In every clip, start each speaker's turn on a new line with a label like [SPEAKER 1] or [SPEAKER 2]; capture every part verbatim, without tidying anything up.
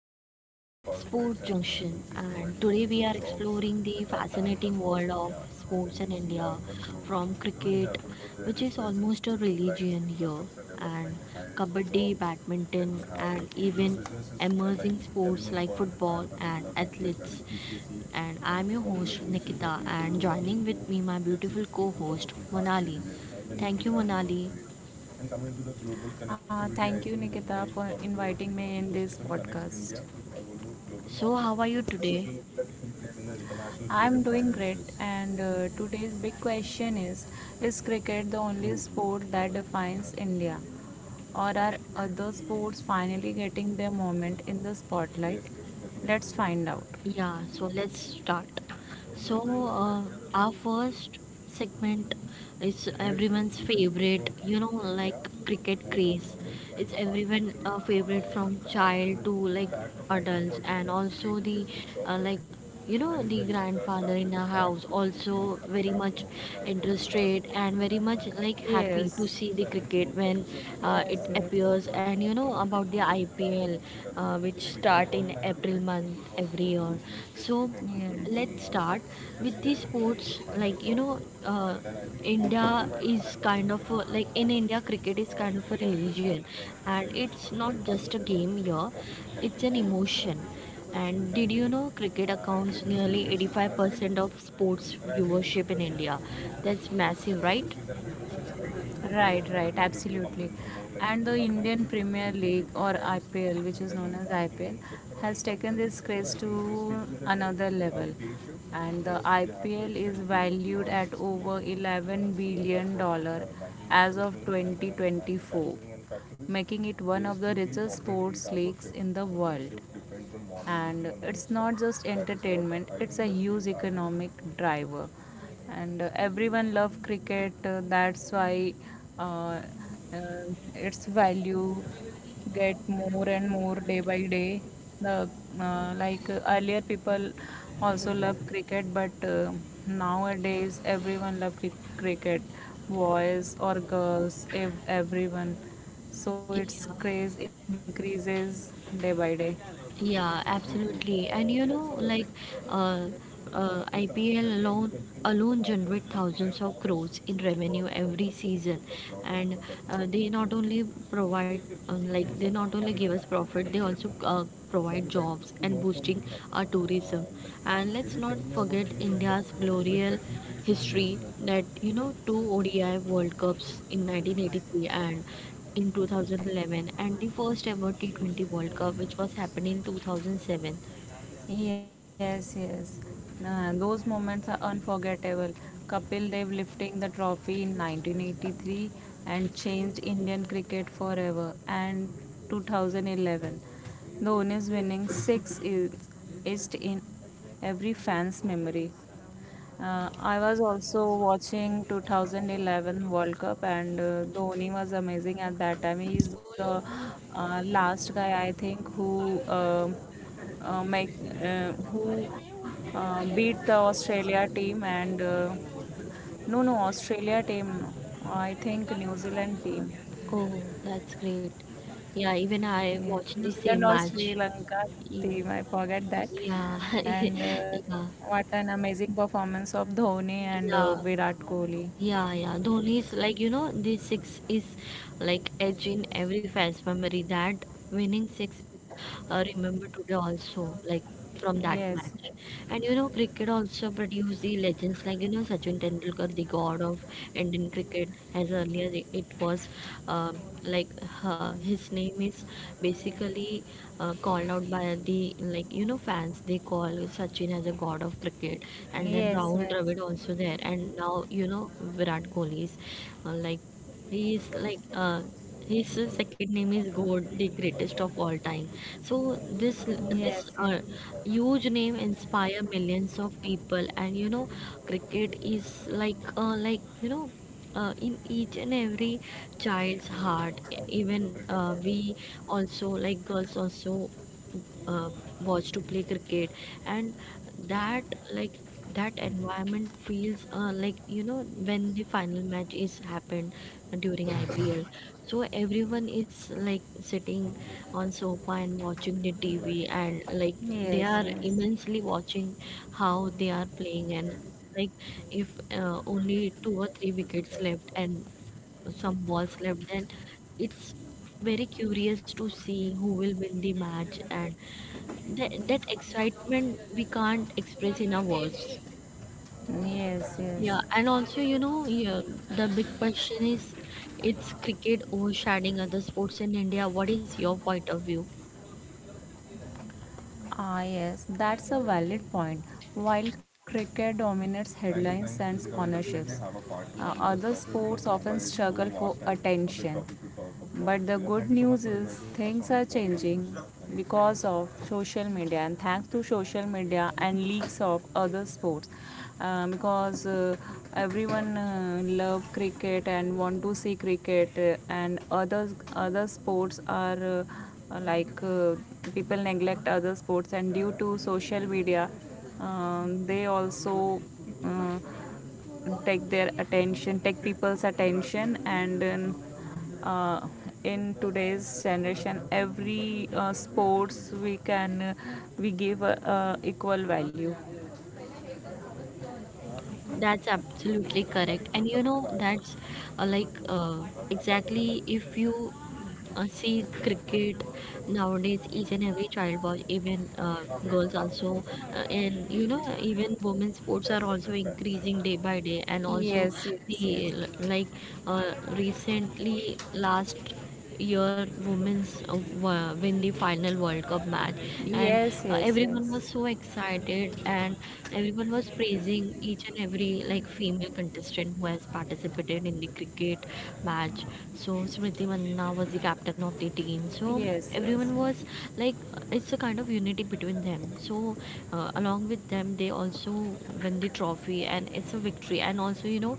[SPEAKER 1] to Sport Junction. And today we are exploring the fascinating world of sports in India from cricket, which is almost a religion here, and kabaddi, badminton, and even emerging sports like football and athletes. And I'm your host Nikita, and joining with me, my beautiful co host Monali. Thank you, Monali.
[SPEAKER 2] Uh, thank you, Nikita, for inviting me in this podcast.
[SPEAKER 1] So, how are you today?
[SPEAKER 2] I'm doing great, and uh, today's big question is Is cricket the only sport that defines India? Or are other sports finally getting their moment in the spotlight? Let's find out.
[SPEAKER 1] Yeah, so let's start. So, uh, our first segment is everyone's favorite, you know, like cricket craze. It's everyone uh, favorite from child to like adults, and also the uh, like you know the grandfather in our house also very much interested and very much like happy to
[SPEAKER 2] Yes.
[SPEAKER 1] see the cricket when uh, it appears, and you know about the ipl, uh, which start in april month every year. So let's start with the sports like you know uh, india is kind of a, like in india cricket is kind of a religion, and it's not just a game here, it's an emotion. And did you know cricket accounts nearly eighty-five percent of sports viewership in india? That's massive, right?
[SPEAKER 2] Right, right, absolutely. And the Indian Premier League, or I P L, which is known as I P L, has taken this craze to another level. And the I P L is valued at over eleven billion dollar as of twenty twenty-four, making it one of the richest sports leagues in the world, and it's not just entertainment, it's a huge economic driver. And uh, everyone loves cricket, uh, that's why, uh, uh, its value get more and more day by day. The uh, like uh, earlier people also love cricket, but uh, nowadays everyone love cri- cricket, boys or girls, ev- everyone, so its
[SPEAKER 1] Yeah.
[SPEAKER 2] craze increases day by day.
[SPEAKER 1] Yeah, absolutely. And you know, like uh, uh, I P L alone alone generate thousands of crores in revenue every season, and uh, they not only provide um, like they not only give us profit, they also uh, provide jobs and boosting our tourism. And let's not forget India's glorious history, that you know two O D I World Cups in nineteen eighty-three and in two thousand eleven, and the first ever T twenty World Cup, which was happening in two thousand seven.
[SPEAKER 2] Yes, yes. Uh, those moments are unforgettable. Kapil Dev lifting the trophy in nineteen eighty-three and changed Indian cricket forever. And two thousand eleven, Dhoni's winning six is etched in every fan's memory. Uh, I was also watching two thousand eleven World Cup, and uh, Dhoni was amazing at that time. He is the uh, last guy, I think, who um uh, make, uh, who uh, beat the Australia team, and uh, no, no, Australia team, no, I think New Zealand team.
[SPEAKER 1] Oh, that's great. Yeah, even I
[SPEAKER 2] Yes,
[SPEAKER 1] watched the
[SPEAKER 2] New
[SPEAKER 1] same
[SPEAKER 2] Zealand or Sri
[SPEAKER 1] match.
[SPEAKER 2] Lanka
[SPEAKER 1] Ye-
[SPEAKER 2] team, I forget that.
[SPEAKER 1] Yeah,
[SPEAKER 2] And uh,
[SPEAKER 1] yeah,
[SPEAKER 2] what an amazing performance of Dhoni and uh,
[SPEAKER 1] yeah,
[SPEAKER 2] Virat Kohli.
[SPEAKER 1] yeah, yeah. Dhoni is like, you know, the six is like edge in every fast memory. That winning six, uh, remember today also, like from that match.
[SPEAKER 2] Yes,
[SPEAKER 1] And you know, cricket also produced the legends like you know Sachin Tendulkar, the god of Indian cricket. As earlier i- it was uh, like uh, his name is basically uh, called out by the like you know fans. They call Sachin as a god of cricket, and then Rahul
[SPEAKER 2] yes, yes,
[SPEAKER 1] Dravid
[SPEAKER 2] yes,
[SPEAKER 1] also there, and now you know Virat Kohli is uh, like he is like uh, his second name is God, the greatest of all time. So this this
[SPEAKER 2] yes,
[SPEAKER 1] uh,
[SPEAKER 2] yes,
[SPEAKER 1] huge name inspire millions of people. And you know, cricket is like uh, like you know. Uh, in each and every child's heart, E- even uh, we also, like girls also, uh, watch to play cricket, and that like that environment feels uh, like you know, when the final match is happened during ipl, so everyone is like sitting on sofa and watching the tv, and like they are
[SPEAKER 2] yes,
[SPEAKER 1] immensely watching how they are playing. And like if uh, only two or three wickets left and some balls left, then it's very curious to see who will win the match, and that, that excitement we can't express in our words.
[SPEAKER 2] yes, yes,
[SPEAKER 1] Yeah,
[SPEAKER 2] yes.
[SPEAKER 1] and also, you know, yeah, the big question is, it's cricket overshadowing other sports in India. What is your point of view?
[SPEAKER 2] Ah, yes, that's a valid point. While cricket dominates headlines and sponsorships, uh, other sports often struggle for attention. But the good news is things are changing because of social media, and thanks to social media and leaks of other sports. Uh, because uh, everyone uh, love cricket and want to see cricket, uh, and others other sports are uh, uh, like uh, people neglect other sports, and due to social media, um, they also uh, take their attention, take people's attention, and then, uh, in today's generation every uh, sports we can, uh, we give uh, uh, equal value.
[SPEAKER 1] That's absolutely correct. And you know, that's uh, like uh, exactly, if you uh, see cricket nowadays, each and every child watch, even uh, girls also, uh, and you know, even women's sports are also increasing day by day. And also,
[SPEAKER 2] Yes, yes,
[SPEAKER 1] the like uh, recently last year women's uh, wa- win the final world cup match, and
[SPEAKER 2] yes,
[SPEAKER 1] uh,
[SPEAKER 2] yes,
[SPEAKER 1] everyone was so excited, and everyone was praising each and every like female contestant who has participated in the cricket match. So smriti manna was the captain of the team, so
[SPEAKER 2] yes, yes,
[SPEAKER 1] everyone was
[SPEAKER 2] yes,
[SPEAKER 1] like uh, it's a kind of unity between them. So uh, along with them, they also win the trophy, and it's a victory. And also you know,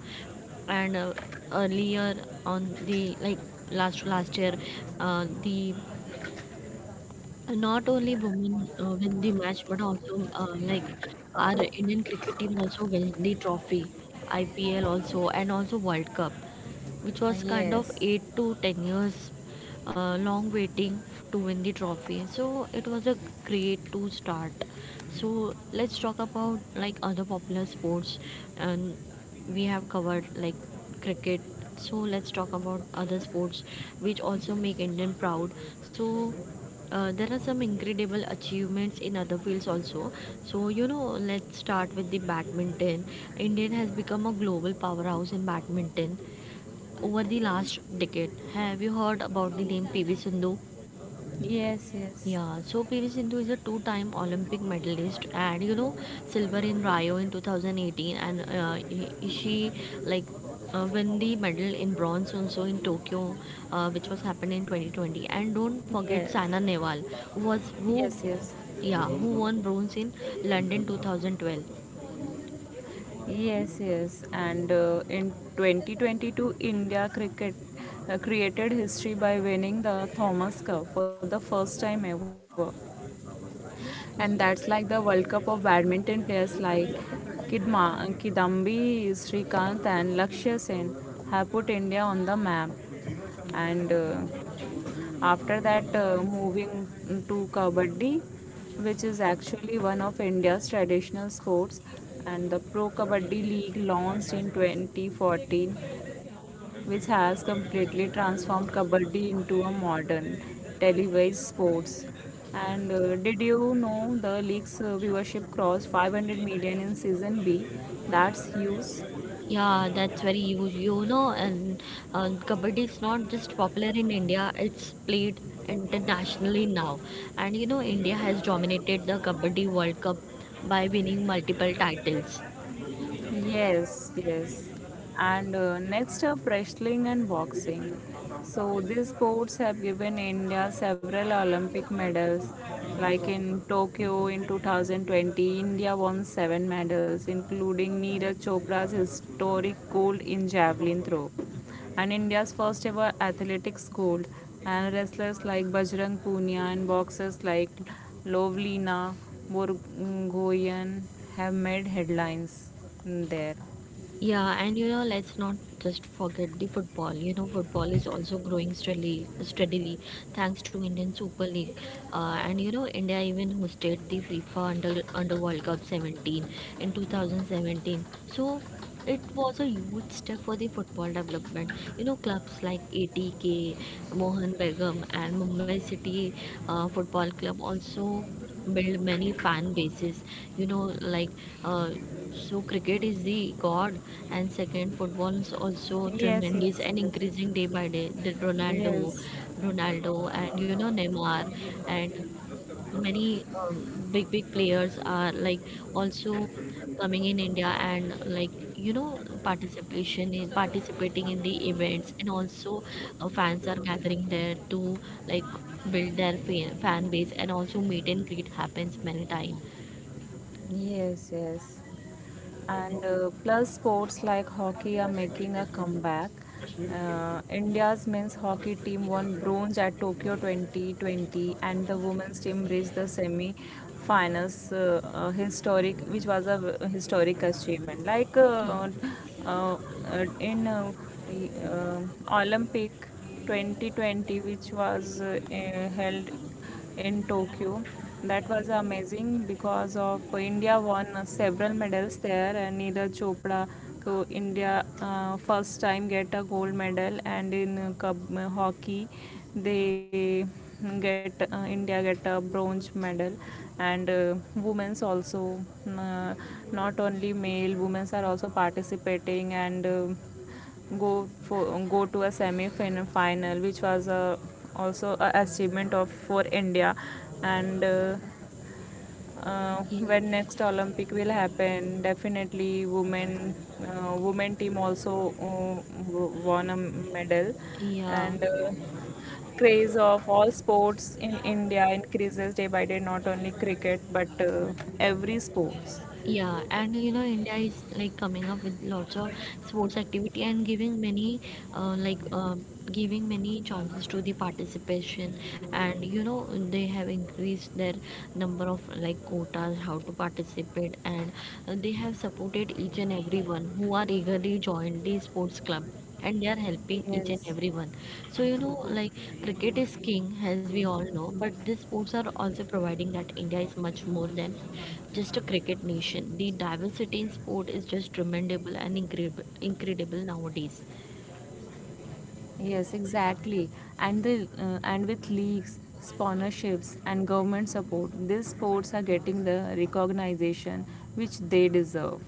[SPEAKER 1] and uh, earlier on the like last last year, uh, the not only women uh, win the match, but also uh, like our indian cricket team also win the trophy, ipl also, and also world cup, which
[SPEAKER 2] yes,
[SPEAKER 1] was kind of
[SPEAKER 2] yes,
[SPEAKER 1] eight to ten years uh, long waiting f- to win the trophy. So it was a great to start. So let's talk about like other popular sports, and we have covered like cricket, so let's talk about other sports which also make indian proud. So uh, there are some incredible achievements in other fields also. So you know, let's start with the badminton. Indian has become a global powerhouse in badminton over the last decade. Have you heard about the name P V Sindhu?
[SPEAKER 2] yes, yes,
[SPEAKER 1] Yeah, so P V Sindhu is a two-time Olympic medalist, and you know silver in Rio in two thousand eighteen, and uh, he- she like uh, win the medal in bronze also in Tokyo, uh, which was happened in twenty twenty. And don't forget
[SPEAKER 2] yes,
[SPEAKER 1] Sana
[SPEAKER 2] yes.
[SPEAKER 1] Nehwal who was who
[SPEAKER 2] Yes, yes.
[SPEAKER 1] yeah who won bronze in London twenty twelve.
[SPEAKER 2] Yes, yes. And uh, in twenty twenty-two, India cricket uh, created history by winning the Thomas Cup for the first time ever. And that's like the World Cup of badminton, players like Kidma, Kidambi Srikanth and Lakshya Sen have put India on the map. And uh, after that, uh, moving to Kabaddi, which is actually one of India's traditional sports, and the Pro Kabaddi League launched in twenty fourteen, which has completely transformed Kabaddi into a modern televised sports. And uh, did you know the league's uh, viewership crossed five hundred million in season B? That's huge.
[SPEAKER 1] Yeah, that's very huge. You know, and uh, kabaddi is not just popular in India, it's played internationally now. And you know, India has dominated the Kabaddi World Cup by winning multiple titles.
[SPEAKER 2] Yes, yes. And uh, next up, wrestling and boxing. So these sports have given India several Olympic medals. Like in Tokyo in two thousand twenty, India won seven medals, including Neeraj Chopra's historic gold in javelin throw and India's first ever athletics gold, and wrestlers like Bajrang Punia and boxers like Lovlina Borgoyan have made headlines there.
[SPEAKER 1] Yeah, and you know, let's not just forget the football. You know, football is also growing steadily, steadily thanks to Indian Super League. Uh, and you know, India even hosted the FIFA Under Under World Cup seventeen in twenty seventeen. So it was a huge step for the football development. You know, clubs like A T K, Mohan Begum, and Mumbai City uh, Football Club also build many fan bases, you know like uh, so cricket is the god, and second football is also
[SPEAKER 2] Yes,
[SPEAKER 1] tremendous
[SPEAKER 2] yes,
[SPEAKER 1] and
[SPEAKER 2] yes.
[SPEAKER 1] increasing day by day. The ronaldo
[SPEAKER 2] Yes.
[SPEAKER 1] ronaldo and you know neymar, and many um, big big players are like also coming in india, and like you know participation in participating in the events, and also uh, fans are gathering there to like build their fan, fan base, and also meet and greet happens many times.
[SPEAKER 2] Yes, yes. And uh, plus, sports like hockey are making a comeback. Uh, India's men's hockey team won bronze at Tokyo twenty twenty, and the women's team reached the semi finals, uh, uh, historic, which was a v- historic achievement. Like uh, uh, uh, in uh, y- uh, Olympic twenty twenty, which was uh, uh, held in Tokyo. That was amazing because of India won several medals there, and Neeraj Chopra, so India uh, first time get a gold medal, and in uh, hockey they get, uh, India get a bronze medal, and uh, women's also uh, not only male, women's are also participating, and. Uh, go for, go to a semi final, which was uh, also a achievement of for India. And uh, uh, when
[SPEAKER 1] Yeah,
[SPEAKER 2] next Olympic will happen, definitely women, uh, women team also uh, won a medal.
[SPEAKER 1] yeah.
[SPEAKER 2] And uh, craze of all sports in India increases day by day, not only cricket, but uh, every sports.
[SPEAKER 1] Yeah, and you know, India is like coming up with lots of sports activity and giving many, uh, like um, giving many chances to the participation. And you know, they have increased their number of like quotas, how to participate, and uh, they have supported each and everyone who are eagerly joined the sports club, and they are helping each and
[SPEAKER 2] Yes.
[SPEAKER 1] everyone. So you know, like cricket is king, as we all know, but these sports are also providing that India is much more than just a cricket nation. The diversity in sport is just tremendous and incredible, incredible nowadays.
[SPEAKER 2] Yes, exactly. And the uh, and with leagues, sponsorships, and government support, these sports are getting the recognition which they deserve.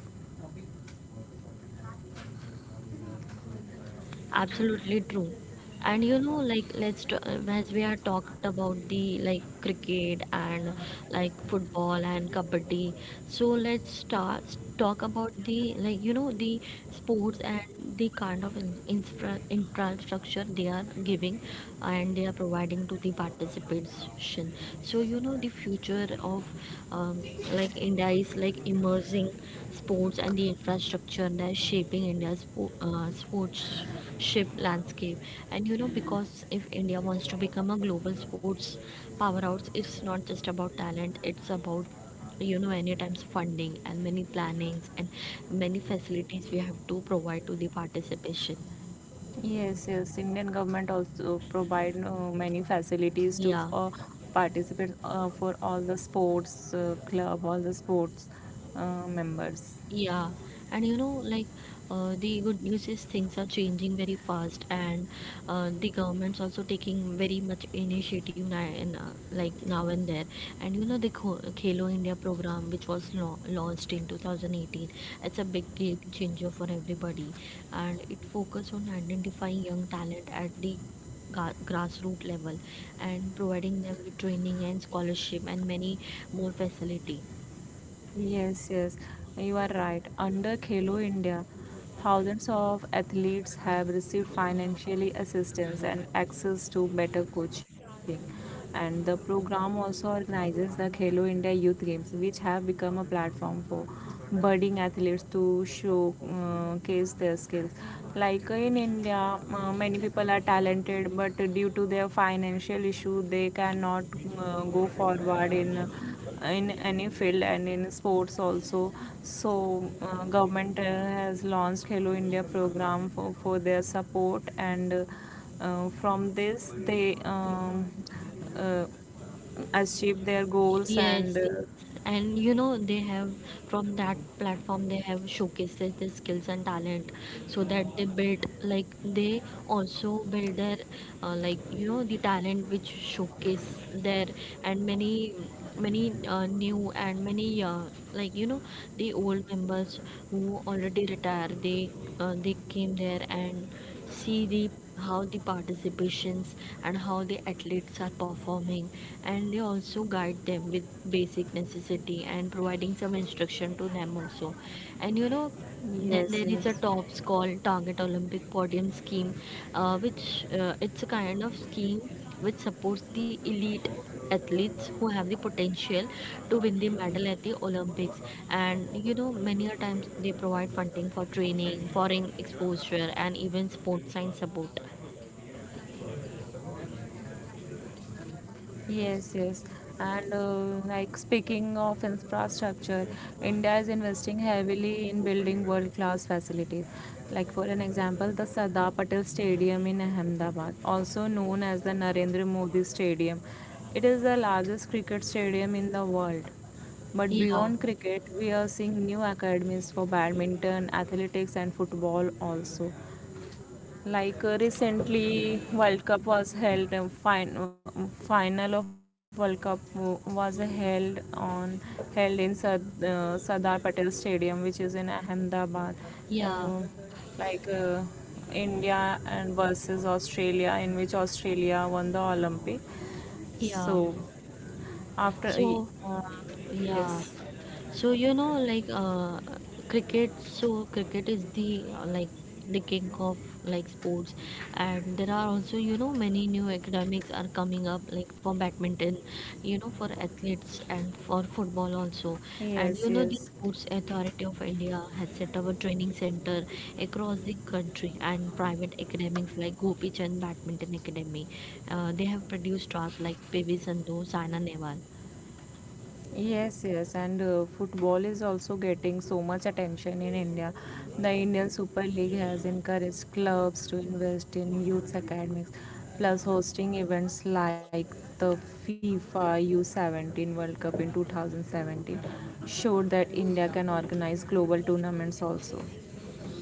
[SPEAKER 1] Absolutely true. And you know, like let's t- uh, as we are talked about the like cricket and like football and kabaddi. So let's start talk about the like you know the sports and the kind of in- infra- infrastructure they are giving, and they are providing to the participation. So you know the future of um, like India is like emerging sports, and the infrastructure that is shaping India's spo- uh, sportsmanship landscape. And you know, because if India wants to become a global sports powerhouse, it's not just about talent; it's about you know many times funding and many plannings and many facilities we have to provide to the participation.
[SPEAKER 2] Yes, yes. Indian government also provide uh, many facilities to
[SPEAKER 1] Yeah.
[SPEAKER 2] uh, participants uh, for all the sports uh, club, all the sports uh, members.
[SPEAKER 1] Yeah, and you know, like uh, the good news is things are changing very fast, and uh, the government's also taking very much initiative now and uh, like now and there. And you know, the Kho- Khelo India program, which was lo launched in two thousand eighteen, it's a big game changer for everybody, and it focused on identifying young talent at the ga- grassroots level, and providing them with training and scholarship and many more facility.
[SPEAKER 2] Yes, yes, you are right. Under Khelo India, thousands of athletes have received financially assistance and access to better coaching. And the program also organizes the Khelo India Youth Games, which have become a platform for budding athletes to showcase their skills. Like in India, uh, many people are talented, but due to their financial issue, they cannot uh, go forward in uh, in any field and in sports also. So uh, government uh, has launched Hello India program for, for their support, and uh, uh, from this they um, uh, achieve their goals
[SPEAKER 1] Yes,
[SPEAKER 2] and uh,
[SPEAKER 1] yes. And you know, they have from that platform they have showcases their skills and talent, so that they build like they also build their uh, like you know the talent which showcase there. And many many uh, new and many uh, like you know the old members who already retired, they uh, they came there, and see the how the participations, and how the athletes are performing, and they also guide them with basic necessity, and providing some instruction to them also. And you know, then
[SPEAKER 2] yes,
[SPEAKER 1] there
[SPEAKER 2] yes.
[SPEAKER 1] is a tops called target olympic podium scheme, uh, which uh, it's a kind of scheme which supports the elite athletes who have the potential to win the medal at the olympics. And you know, many a times they provide funding for training, foreign exposure, and even sports science support.
[SPEAKER 2] Yes, yes. And uh, like speaking of infrastructure, India is investing heavily in building world-class facilities. Like for an example, the Sardar Patel Stadium in Ahmedabad, also known as the Narendra Modi Stadium. It is the largest cricket stadium in the world. But
[SPEAKER 1] Yeah,
[SPEAKER 2] beyond cricket, we are seeing new academies for badminton, athletics, and football also. Like uh, recently, World Cup was held. Uh, fin- uh, final of World Cup w- was held on, held in Sad- uh, Sardar Patel Stadium, which is in Ahmedabad. Uh,
[SPEAKER 1] yeah,
[SPEAKER 2] like uh, India and versus Australia, in which Australia won the Olympic.
[SPEAKER 1] yeah.
[SPEAKER 2] So after
[SPEAKER 1] So
[SPEAKER 2] uh,
[SPEAKER 1] yeah.
[SPEAKER 2] yes,
[SPEAKER 1] So you know, like uh, cricket. So cricket is the uh, like the king of like sports, and there are also you know many new academics are coming up, like for badminton, you know for athletes and for football also. And
[SPEAKER 2] yes,
[SPEAKER 1] you know the
[SPEAKER 2] yes.
[SPEAKER 1] Sports Authority of India has set up a training center across the country, and private academics like Gopi Chand Badminton Academy, uh, they have produced stars like P V Sandhu, Saina Nehwal.
[SPEAKER 2] Yes, yes, and uh, football is also getting so much attention in India. The Indian Super League has encouraged clubs to invest in youth academics, plus hosting events like the FIFA U seventeen World Cup in two thousand seventeen showed that India can organize global tournaments also.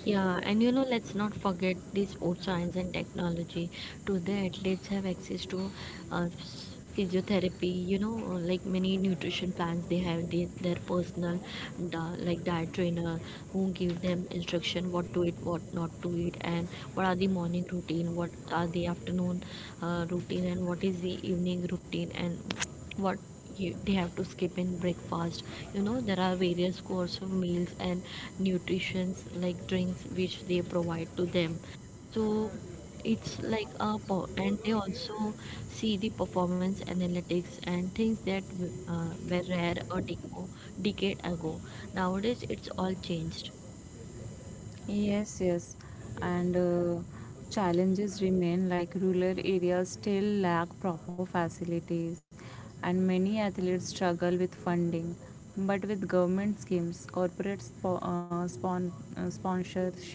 [SPEAKER 1] Yeah, and you know, let's not forget the sports science and technology. Today, athletes have access to uh, phys- physiotherapy. You know, uh, like many nutrition plans, they have the, their personal, di- like diet trainer who give them instruction what to eat, what not to eat, and what are the morning routine, what are the afternoon uh, routine, and what is the evening routine, and what you, they have to skip in breakfast. You know there are various course of meals and nutritions like drinks which they provide to them. So it's like a po- and they also see the performance analytics and things that uh, were rare a deco- decade ago. Nowadays it's all changed.
[SPEAKER 2] Yes, yes. And uh, challenges remain, like rural areas still lack proper facilities and many athletes struggle with funding. But with government schemes, corporate spo- uh, spon- uh, sponsorship,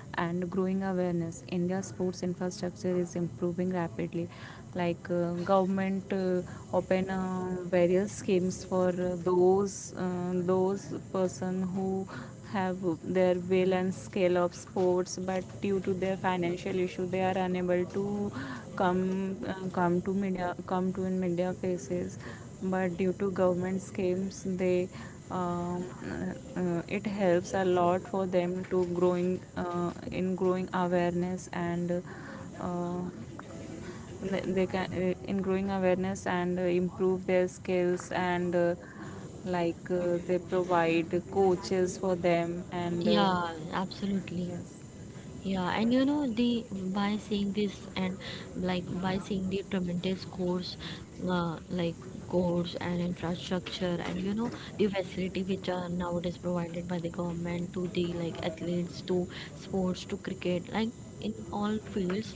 [SPEAKER 2] and growing awareness, India's sports infrastructure is improving rapidly. Like uh, government uh, open uh, various schemes for uh, those uh, those person who have their will and scale of sports, but due to their financial issue they are unable to come, uh, come to media, come to in media faces. But due to government schemes they, um, uh, uh, it helps a lot for them to growing, uh, in growing awareness, and uh, they can, uh, in growing awareness and uh, improve their skills, and uh, like uh, they provide coaches for them, and uh,
[SPEAKER 1] Yeah, absolutely.
[SPEAKER 2] yes.
[SPEAKER 1] Yeah, and you know, the by seeing this and like by seeing the tremendous course, uh, like course and infrastructure, and you know the facility which are nowadays provided by the government to the like athletes to sports to cricket, like in all fields.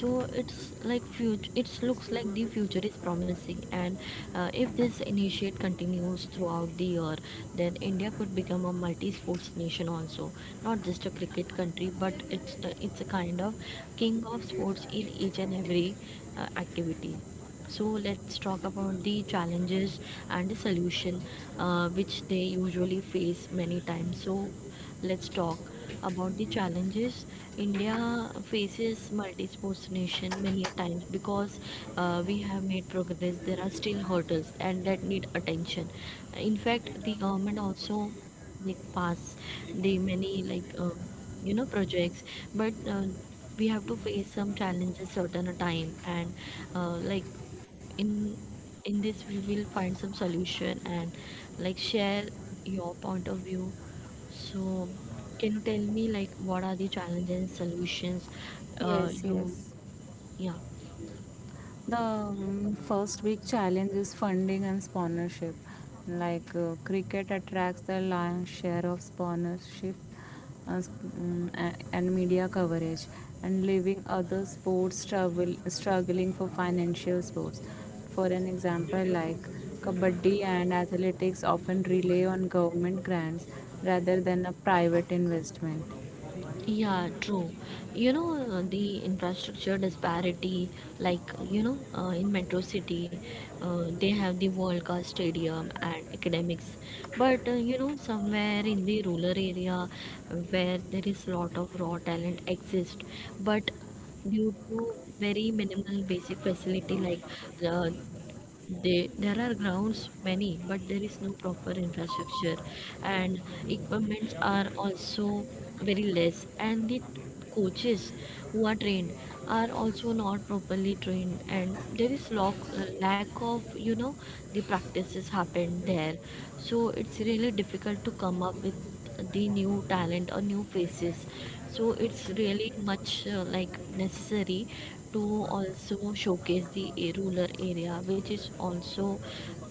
[SPEAKER 1] So it's like future it looks like the future is promising. And uh, if this initiate continues throughout the year, then India could become a multi-sports nation also, not just a cricket country, but it's the, it's a kind of king of sports in each and every uh, activity. So let's talk about the challenges and the solution uh, which they usually face many times. So let's talk about the challenges. India faces multi-sports nation many a times because uh, we have made progress. There are still hurdles and that need attention. In fact, the government also like pass the many like um, you know, projects, but uh, we have to face some challenges certain a time. And uh, like in in this we will find some solution and like share your point of view. So can you tell me like what are the challenges and solutions? Uh,
[SPEAKER 2] Yes,
[SPEAKER 1] you,
[SPEAKER 2] yes.
[SPEAKER 1] yeah.
[SPEAKER 2] The um, first big challenge is funding and sponsorship. Like uh, cricket attracts the lion's share of sponsorship uh, sp- um, a- and media coverage, and leaving other sports struggle, struggling for financial sports. For an example, like kabaddi and athletics often rely on government grants rather than a private investment.
[SPEAKER 1] Yeah, true. You know, uh, the infrastructure disparity, like, you know, uh, in Metro City, uh, they have the World Cup Stadium and academics. But, uh, you know, somewhere in the rural area where there is lot of raw talent exist, but due to very minimal basic facility, like uh, they, there are grounds many, but there is no proper infrastructure, and equipments are also very less, and the coaches who are trained are also not properly trained, and there is lack, lack of, you know, the practices happened there. So it's really difficult to come up with the new talent or new faces. So it's really much uh, like necessary to also showcase the a- rural area, which is also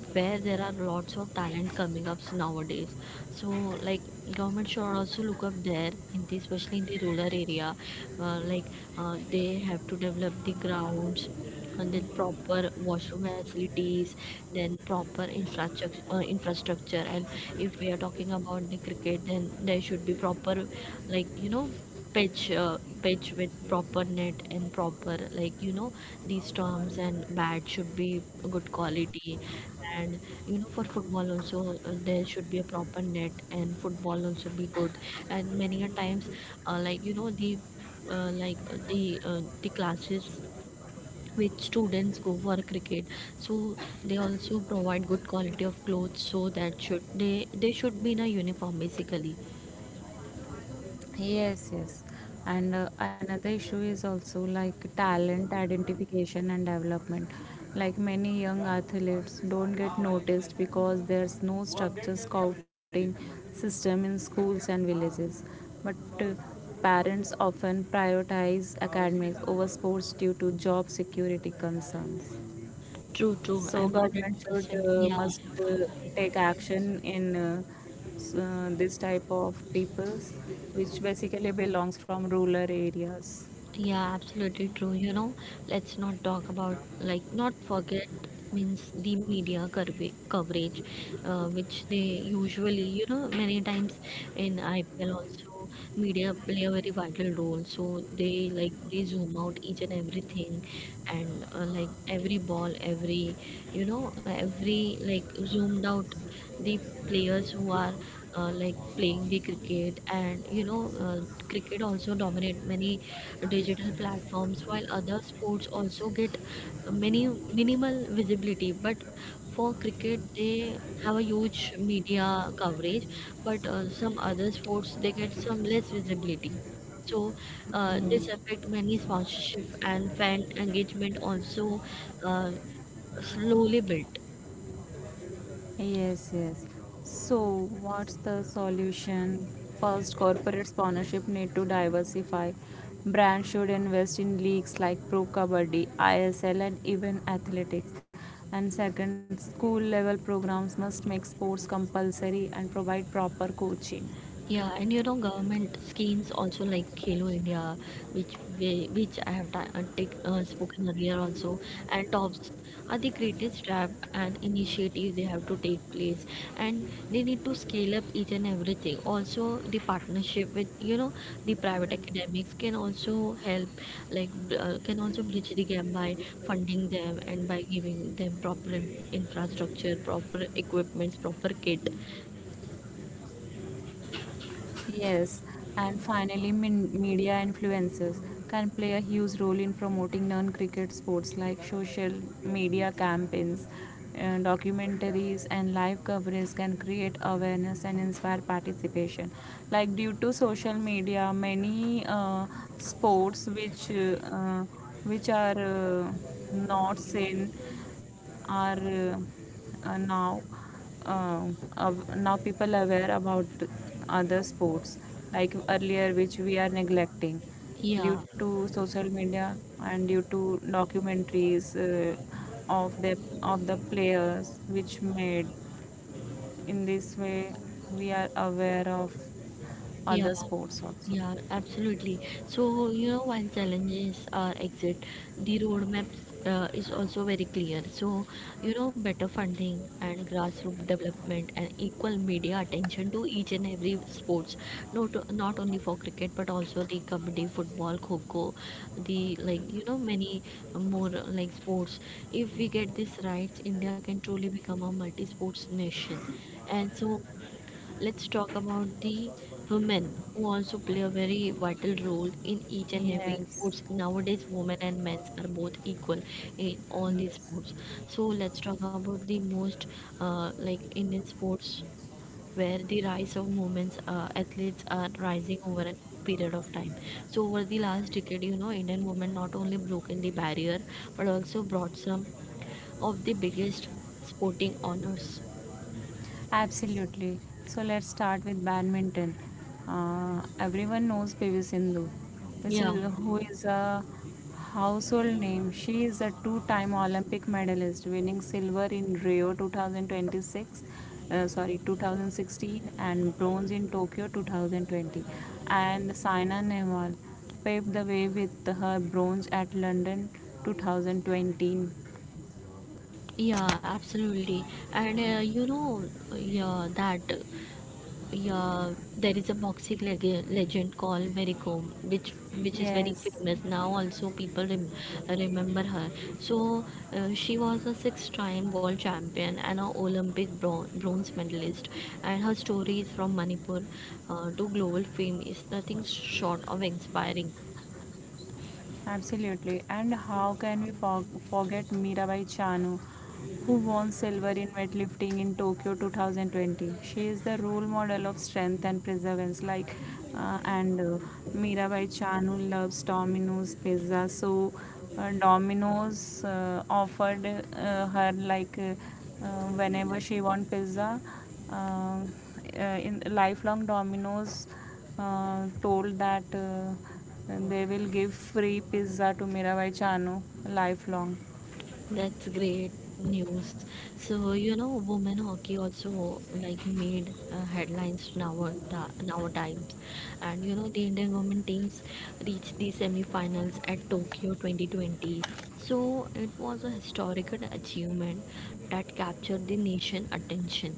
[SPEAKER 1] where there are lots of talent coming up nowadays. So like government should also look up there in the, especially in the rural area. uh, like uh, they have to develop the grounds and then proper washroom facilities, then proper infrastructure uh, infrastructure. And if we are talking about the cricket, then there should be proper, like you know, pitch uh, pitch with proper net and proper, like you know, these storms and bat should be good quality. And you know, for football also, uh, there should be a proper net, and football also be good. And many a times uh, like you know, the uh, like uh, the uh, the classes which students go for cricket, so they also provide good quality of clothes, so that should they they should be in a uniform basically.
[SPEAKER 2] Yes, yes. And uh, another issue is also like talent identification and development. Like many young athletes don't get noticed because there's no structure scouting system in schools and villages. But uh, parents often prioritize academics over sports due to job security concerns.
[SPEAKER 1] True, true,
[SPEAKER 2] So
[SPEAKER 1] I'm
[SPEAKER 2] government should
[SPEAKER 1] one hundred percent,
[SPEAKER 2] uh,
[SPEAKER 1] yeah.
[SPEAKER 2] must uh, take action in uh, s- uh, this type of peoples, which basically belongs from rural areas.
[SPEAKER 1] Yeah, absolutely true. You know, let's not talk about like not forget, means the media curve- coverage, uh, which they usually, you know, many times in I P L also, media play a very vital role. So they like they zoom out each and everything, and uh, like every ball, every, you know, every like zoomed out, the players who are uh, like playing the cricket. And you know, uh, cricket also dominate many digital platforms, while other sports also get many minimal visibility. But for cricket they have a huge media coverage, but uh, some other sports they get some less visibility. So uh, this affect
[SPEAKER 2] Yeah.
[SPEAKER 1] many sponsorship and fan engagement also, uh, slowly built.
[SPEAKER 2] Yes, yes. So, what's the solution? First, corporate sponsorship need to diversify. Brands should invest in leagues like Pro Kabaddi, I S L, and even athletics. And second, school level programs must make sports compulsory and provide proper coaching.
[SPEAKER 1] Yeah, and you know, government schemes also like Khelo India, which we, which I have ta- uh, take, uh, spoken earlier also, and TOPS are the greatest step and initiative they have to take place, and they need to scale up each and everything. Also, the partnership with, you know, the private academics can also help, like br- uh, can also bridge the gap by funding them and by giving them proper in- infrastructure, proper equipments, proper kit.
[SPEAKER 2] Yes, and finally, min- media influencers can play a huge role in promoting non cricket sports, like social media campaigns, uh, documentaries, and live coverage can create awareness and inspire participation. Like, due to social media, many uh, sports which, uh, uh, which are, uh, not seen, are, uh, uh, now, um, av- now people are aware about other sports like earlier which we are neglecting,
[SPEAKER 1] Yeah,
[SPEAKER 2] due to social media and due to documentaries uh, of the, of the players which made, in this way we are aware of
[SPEAKER 1] yeah.
[SPEAKER 2] other sports also.
[SPEAKER 1] Yeah, absolutely. So, you know, while challenges are exit, the roadmap uh, is also very clear. So, you know, better funding and grassroots development and equal media attention to each and every sports, not not only for cricket but also the kabaddi, football, kho, the like you know many more uh, like sports. If we get this right, India can truly become a multi-sports nation. And so let's talk about the women who also play a very vital role in each and every
[SPEAKER 2] Yes,
[SPEAKER 1] sports. Nowadays, women and men are both equal in all these
[SPEAKER 2] yes.
[SPEAKER 1] sports. So let's talk about the most uh, like Indian sports where the rise of women's uh, athletes are rising over a period of time. So over the last decade, you know, Indian women not only broken the barrier but also brought some of the biggest sporting honors.
[SPEAKER 2] Absolutely. So let's start with badminton. Uh, everyone knows P V Sindhu, which
[SPEAKER 1] Yeah.
[SPEAKER 2] is, who is a household name. She is a two-time Olympic medalist, winning silver in Rio two thousand twenty-six, uh, sorry twenty sixteen, and bronze in Tokyo twenty twenty. And Saina Nehwal paved the way with her bronze at London twenty twenty.
[SPEAKER 1] Yeah, absolutely. And uh, you know, yeah, that uh, yeah, there is a boxing leg- legend called Mary Kom, which which is very
[SPEAKER 2] Yes.
[SPEAKER 1] famous now. Also, people rem- remember her. So uh, she was a six-time world champion and an Olympic bron- bronze medalist. And her stories from Manipur uh, to global fame is nothing short of inspiring.
[SPEAKER 2] Absolutely. And how can we for- forget Mirabai Chanu, who won silver in weightlifting in Tokyo twenty twenty? She is the role model of strength and perseverance. Like, uh, and uh, Mirabai Chanu loves Domino's pizza, so uh, Domino's uh, offered uh, her like. Uh, uh, Whenever she want pizza, uh, uh, in lifelong Domino's uh, told that uh, they will give free pizza to Mirabai Chanu lifelong.
[SPEAKER 1] That's great news. So, you know, women hockey also like made uh, headlines now, now times, and you know the Indian women teams reached the semi-finals at Tokyo twenty twenty. So it was a historical achievement that captured the nation attention.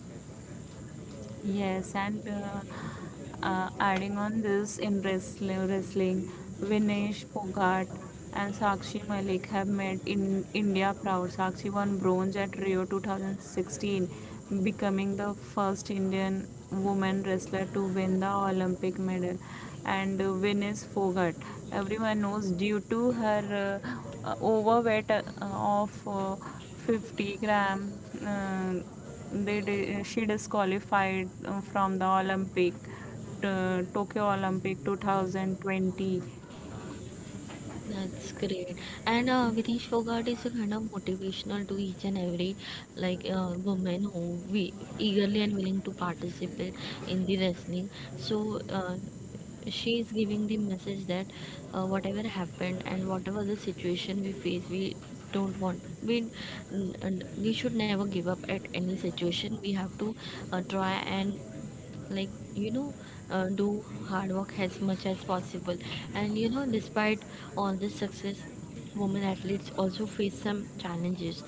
[SPEAKER 2] Yes, and uh, uh, adding on this in wrestling, wrestling, Vinesh Pogart and Sakshi Malik have made in India proud. Sakshi won bronze at Rio two thousand sixteen, becoming the first Indian woman wrestler to win the Olympic medal. And uh, Vinesh Pogart, everyone knows due to her uh, uh, overweight uh, of uh, fifty grams gram. Uh, they she disqualified uh, from the Olympic uh, Tokyo Olympic two thousand twenty.
[SPEAKER 1] That's great. And uh, Videsh Fogart is a kind of motivational to each and every like uh, woman who we eagerly and willing to participate in the wrestling. So uh, she is giving the message that uh, whatever happened and whatever the situation we face, we don't want we n- n- we should never give up at any situation. We have to uh, try and like, you know, uh, do hard work as much as possible. And you know, despite all this success, women athletes also face some challenges.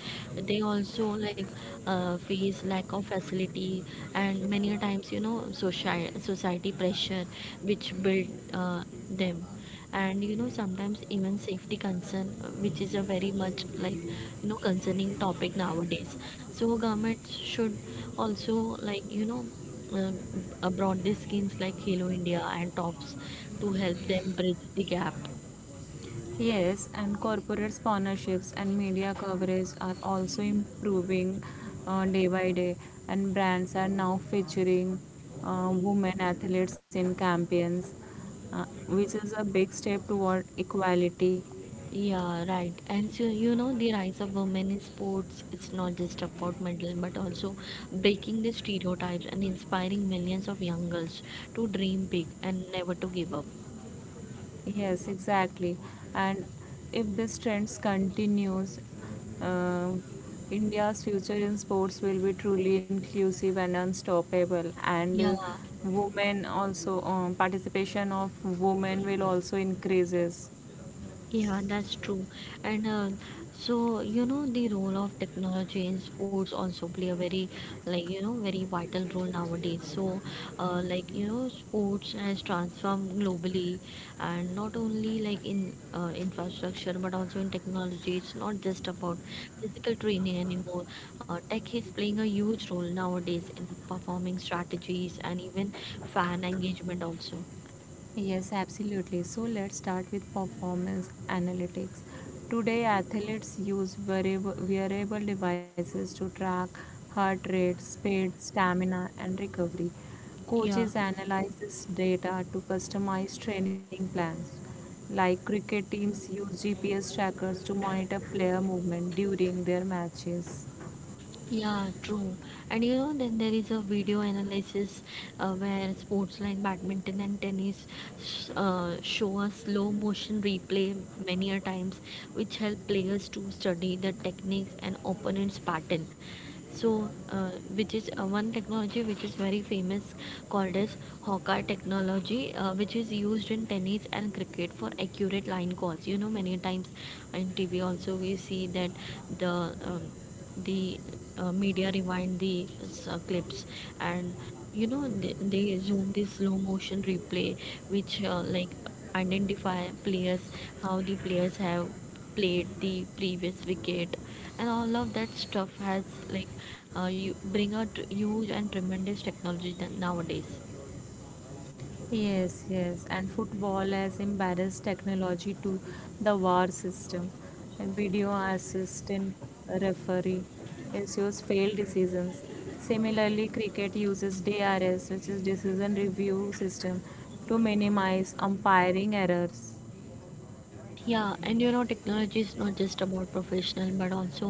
[SPEAKER 1] They also like uh, face lack of facility, and many a times, you know, social society pressure which build uh, them. And you know, sometimes even safety concern, uh, which is a very much like, you know, concerning topic nowadays. So government should also like, you know, uh, abroad these schemes like Halo India and TOPS to help them bridge the gap.
[SPEAKER 2] Yes, and corporate sponsorships and media coverage are also improving uh, day by day, and brands are now featuring uh, women athletes in campaigns, uh, which is a big step toward equality.
[SPEAKER 1] Yeah, right. And so, you know, the rise of women in sports, it's not just about medal, but also breaking the stereotypes and inspiring millions of young girls to dream big and never to give up.
[SPEAKER 2] Yes, exactly. And if this trends continues, uh, India's future in sports will be truly inclusive and unstoppable. And
[SPEAKER 1] Yeah.
[SPEAKER 2] uh, women also um, participation of women will also increases.
[SPEAKER 1] Yeah, that's true. And uh, so, you know, the role of technology in sports also play a very, like, you know, very vital role nowadays. So, uh, like, you know, sports has transformed globally and not only like in uh, infrastructure but also in technology. It's not just about physical training anymore. Uh, tech is playing a huge role nowadays in performing strategies and even fan engagement also.
[SPEAKER 2] Yes, absolutely. So let's start with performance analytics. Today, athletes use wearable, wearable devices to track heart rate, speed, stamina, and recovery.
[SPEAKER 1] Yeah.
[SPEAKER 2] Coaches analyze this data to customize training plans. Like cricket teams use G P S trackers to monitor player movement during their matches.
[SPEAKER 1] Yeah, true. And you know, then there is a video analysis uh, where sports like badminton and tennis s- uh, show a slow motion replay many a times, which help players to study the techniques and opponent's pattern. So uh, which is uh, one technology which is very famous, called as hawker technology, uh, which is used in tennis and cricket for accurate line calls. You know, many times in T V also we see that the um, the uh, media rewind the uh, clips. And you know, they, they zoom this slow motion replay which uh, like identify players, how the players have played the previous wicket, and all of that stuff has like, uh, you bring out huge and tremendous technology than nowadays.
[SPEAKER 2] Yes, yes, and football has embarrassed technology to the V A R system. A video assistant referee ensures failed decisions. Similarly, cricket uses D R S, which is decision review system, to minimize umpiring errors.
[SPEAKER 1] Yeah, and you know, technology is not just about professional, but also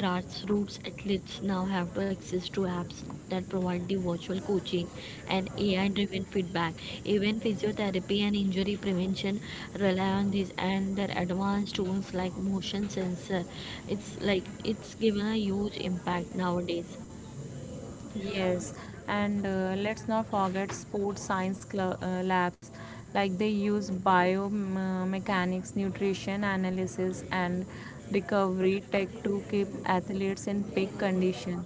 [SPEAKER 1] grassroots athletes now have to access to apps that provide the virtual coaching and AI driven feedback. Even physiotherapy and injury prevention rely on these and their advanced tools like motion sensor. It's like it's given a huge impact nowadays.
[SPEAKER 2] Yes, and uh, let's not forget sports science cl- uh, labs. Like they use biomechanics, nutrition analysis, and recovery tech to keep athletes in peak condition.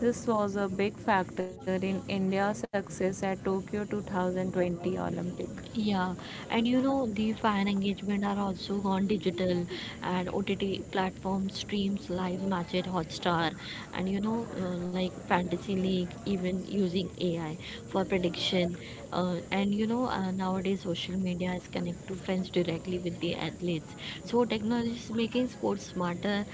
[SPEAKER 2] This was a big factor in India's success at Tokyo twenty twenty Olympic.
[SPEAKER 1] Yeah, and you know, the fan engagement are also gone digital, and O T T platforms streams live match at Hotstar. And you know, uh, like Fantasy League even using A I for prediction, uh, and you know, uh, nowadays social media is connect to fans directly with the athletes. So technology is making sports smarter,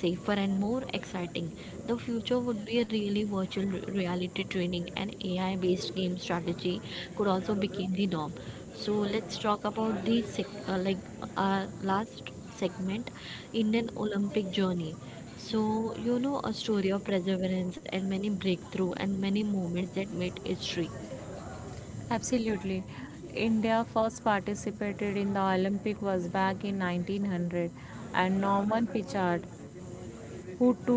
[SPEAKER 1] safer, and more exciting. The future would be really virtual reality training and A I based game strategy could also become the norm. So let's talk about the sec- uh, like our last segment, Indian Olympic journey. So you know, a story of perseverance and many breakthrough and many moments that made history.
[SPEAKER 2] Absolutely. India first participated in the Olympic was back in nineteen hundred and Norman Pichard who two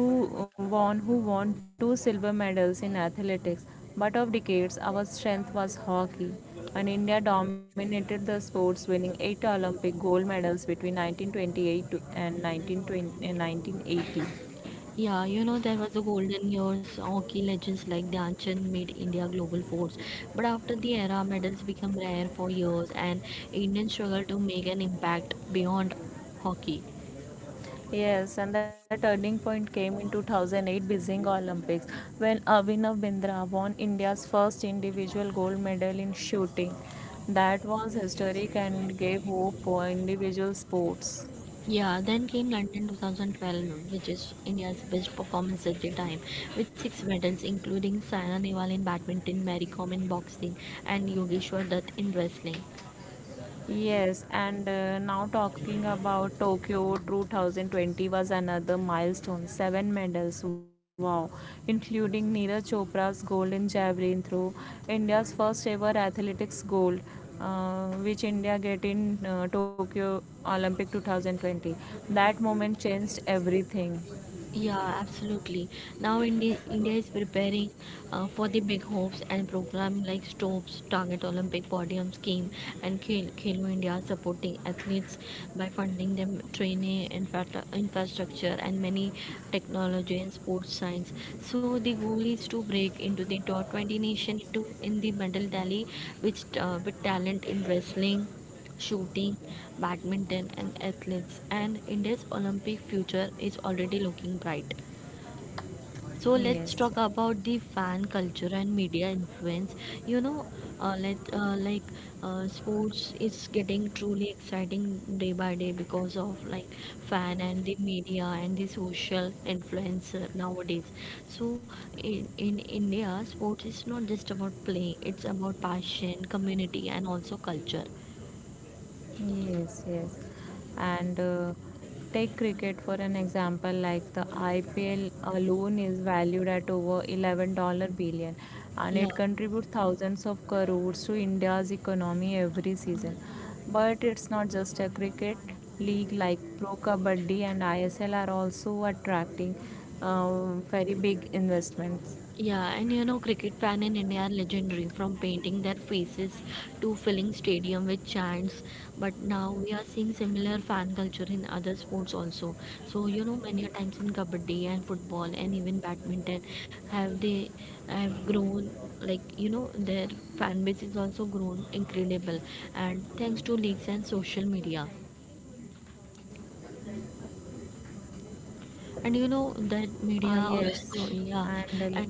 [SPEAKER 2] won who won two silver medals in athletics, but of decades our strength was hockey, and india dominated the sports winning eight olympic gold medals between nineteen twenty-eight to- and nineteen twenty and nineteen eighty.
[SPEAKER 1] Yeah, you know, there was a golden years, hockey legends like Dhyan Chand made India global force. But after the era, medals became rare for years and Indians struggled to make an impact beyond hockey.
[SPEAKER 2] Yes, and the turning point came in two thousand eight Beijing Olympics when Abhinav Bindra won India's first individual gold medal in shooting. That was historic and gave hope for individual sports.
[SPEAKER 1] Yeah, then came London twenty twelve, which is India's best performance at the time, with six medals, including Saina Nehwal in badminton, Mary Kom in boxing, and Yogeshwar Dutt in wrestling.
[SPEAKER 2] Yes, and uh, now talking about Tokyo two thousand twenty was another milestone. Seven medals, wow, including Neeraj Chopra's gold in javelin throw, India's first ever athletics gold, uh, which India get in uh, Tokyo Olympic twenty twenty. That moment changed everything.
[SPEAKER 1] Yeah, absolutely. Now India, India is preparing uh, for the big hopes and program like STOPS, Target Olympic Podium Scheme, and Khel- Khelo India supporting athletes by funding them training, infra- infrastructure, and many technology and sports science. So the goal is to break into the top twenty nation into in the medal tally, which uh, with talent in wrestling, shooting, badminton, and athletes, and India's Olympic future is already looking bright. So let's talk
[SPEAKER 2] Yes, yes.
[SPEAKER 1] about the fan culture and media influence. You know, uh, let uh, like uh, sports is getting truly exciting day by day because of like fan and the media and the social influencer nowadays. So in in India, sports is not just about playing; it's about passion, community, and also culture.
[SPEAKER 2] Yes, yes. And uh, take cricket for an example, like the I P L alone is valued at over eleven dollar billion, and
[SPEAKER 1] Yeah.
[SPEAKER 2] it contributes thousands of crores to India's economy every season. But it's not just a cricket league like Pro Kabaddi and I S L are also attracting um, very big investments.
[SPEAKER 1] Yeah, and you know, cricket fan in India are legendary, from painting their faces to filling stadium with chants. But now we are seeing similar fan culture in other sports also. So you know, many a times in kabaddi and football and even badminton, have they have grown, like you know, their fan base is also grown incredible, and thanks to leagues and social media,
[SPEAKER 2] Ah,
[SPEAKER 1] and you know
[SPEAKER 2] yes,
[SPEAKER 1] that media
[SPEAKER 2] and uh,
[SPEAKER 1] also. Yeah, and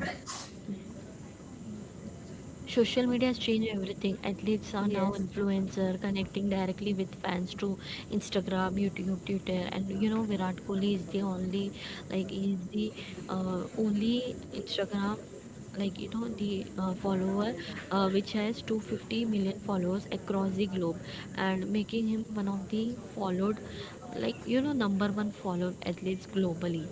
[SPEAKER 1] Social media has changed everything.
[SPEAKER 2] yes.
[SPEAKER 1] Athletes are now influencer, connecting directly with fans through Instagram, YouTube, Twitter. And you know, Virat Kohli is the only, like he's the uh, only Instagram, like you know, the uh, follower, uh, which has two hundred fifty million followers across the globe, and making him one of the followed, like you know, number one followed athletes globally.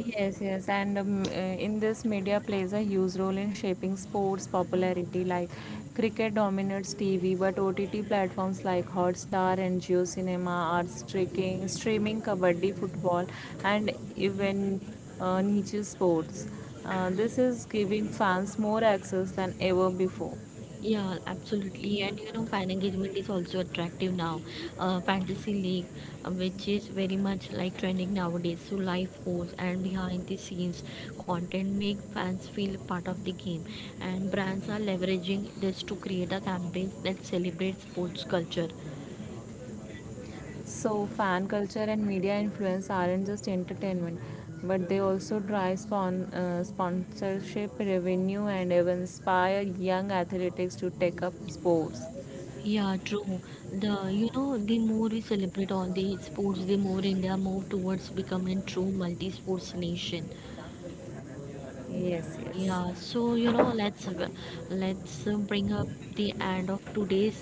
[SPEAKER 2] Yes, yes, and um, uh, in this, media plays a huge role in shaping sports popularity. Like cricket dominates T V, but O T T platforms like Hotstar and Geo Cinema are streaking, streaming kabaddi, football, and even uh, niche sports. Uh, this is giving fans more access than ever before.
[SPEAKER 1] Yeah, absolutely. And you know, fan engagement is also attractive now. Uh, Fantasy League, uh, which is very much like trending nowadays. So, live posts and behind the scenes content make fans feel part of the game. And brands are leveraging this to create a campaign that celebrates sports culture.
[SPEAKER 2] So, fan culture and media influence aren't just entertainment, but they also drive spon- uh, sponsorship, revenue, and even inspire young athletics to take up sports.
[SPEAKER 1] Yeah, true. The, you know, the more we celebrate all the sports, the more India move towards becoming true multi-sports nation.
[SPEAKER 2] Yes, yes.
[SPEAKER 1] Yeah, so you know, let's let's uh, bring up the end of today's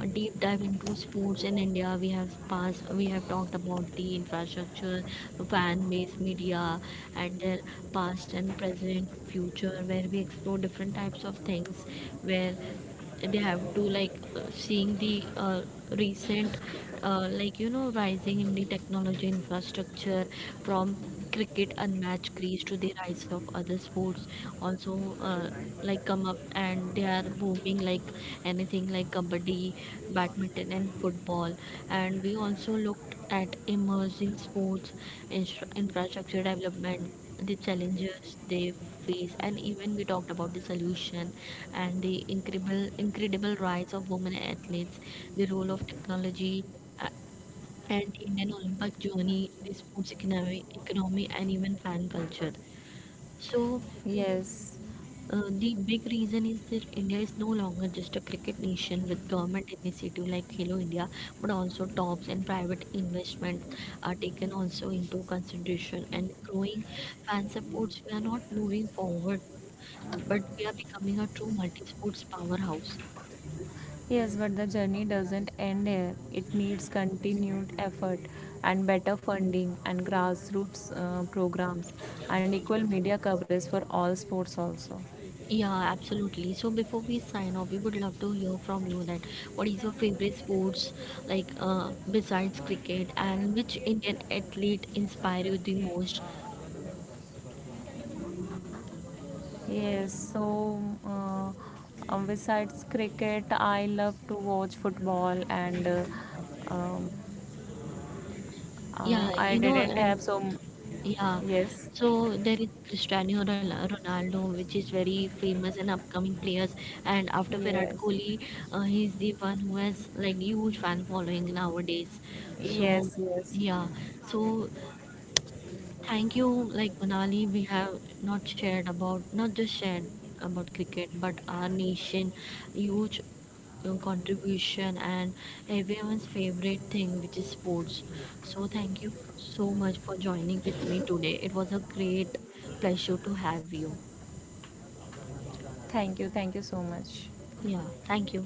[SPEAKER 1] uh, deep dive into sports in India. We have passed, we have talked about the infrastructure, fan base, media, and their past and present, future, where we explore different types of things, where they have to like uh, seeing the uh, recent uh, like you know, rising in the technology infrastructure from cricket unmatched crease to the rise of other sports also, uh, like come up and they are booming like anything, like kabaddi, badminton and football, and we also looked at emerging sports instru- infrastructure development, the challenges they face, and even we talked about the solution and the incredible incredible rise of women athletes, the role of technology, uh, and the Indian Olympic journey, the sports economy, economy and even fan culture. So
[SPEAKER 2] Yes.
[SPEAKER 1] uh, the big reason is that India is no longer just a cricket nation. With government initiative like Hello India, but also tops and private investment are taken also into consideration and growing fan supports. We are not moving forward, but we are becoming a true multi-sports powerhouse.
[SPEAKER 2] Yes, but the journey doesn't end here. It needs continued effort and better funding and grassroots uh, programs and equal media coverage for all sports also.
[SPEAKER 1] Yeah, absolutely. So before we sign off, we would love to hear from you that what is your favorite sports, like uh, besides cricket, and which Indian athlete inspire you the most?
[SPEAKER 2] Yes, so uh, um, besides cricket, I love to watch football, and uh, um,
[SPEAKER 1] Yeah,
[SPEAKER 2] uh, I
[SPEAKER 1] you know,
[SPEAKER 2] didn't
[SPEAKER 1] uh,
[SPEAKER 2] have so. M-
[SPEAKER 1] yeah.
[SPEAKER 2] yes,
[SPEAKER 1] So there is Cristiano Ronal- Ronaldo, which is very famous and upcoming players, and after Virat
[SPEAKER 2] yes,
[SPEAKER 1] Kohli, uh, he's the one who has like huge fan following nowadays. So
[SPEAKER 2] yes, yes.
[SPEAKER 1] yeah, so thank you, like Manali, we have not shared about, not just shared about cricket, but our nation, huge uh, contribution and everyone's favorite thing, which is sports. So thank you so much for joining with me today. It was a great pleasure to have you.
[SPEAKER 2] Thank you, thank you so much.
[SPEAKER 1] Yeah, thank you.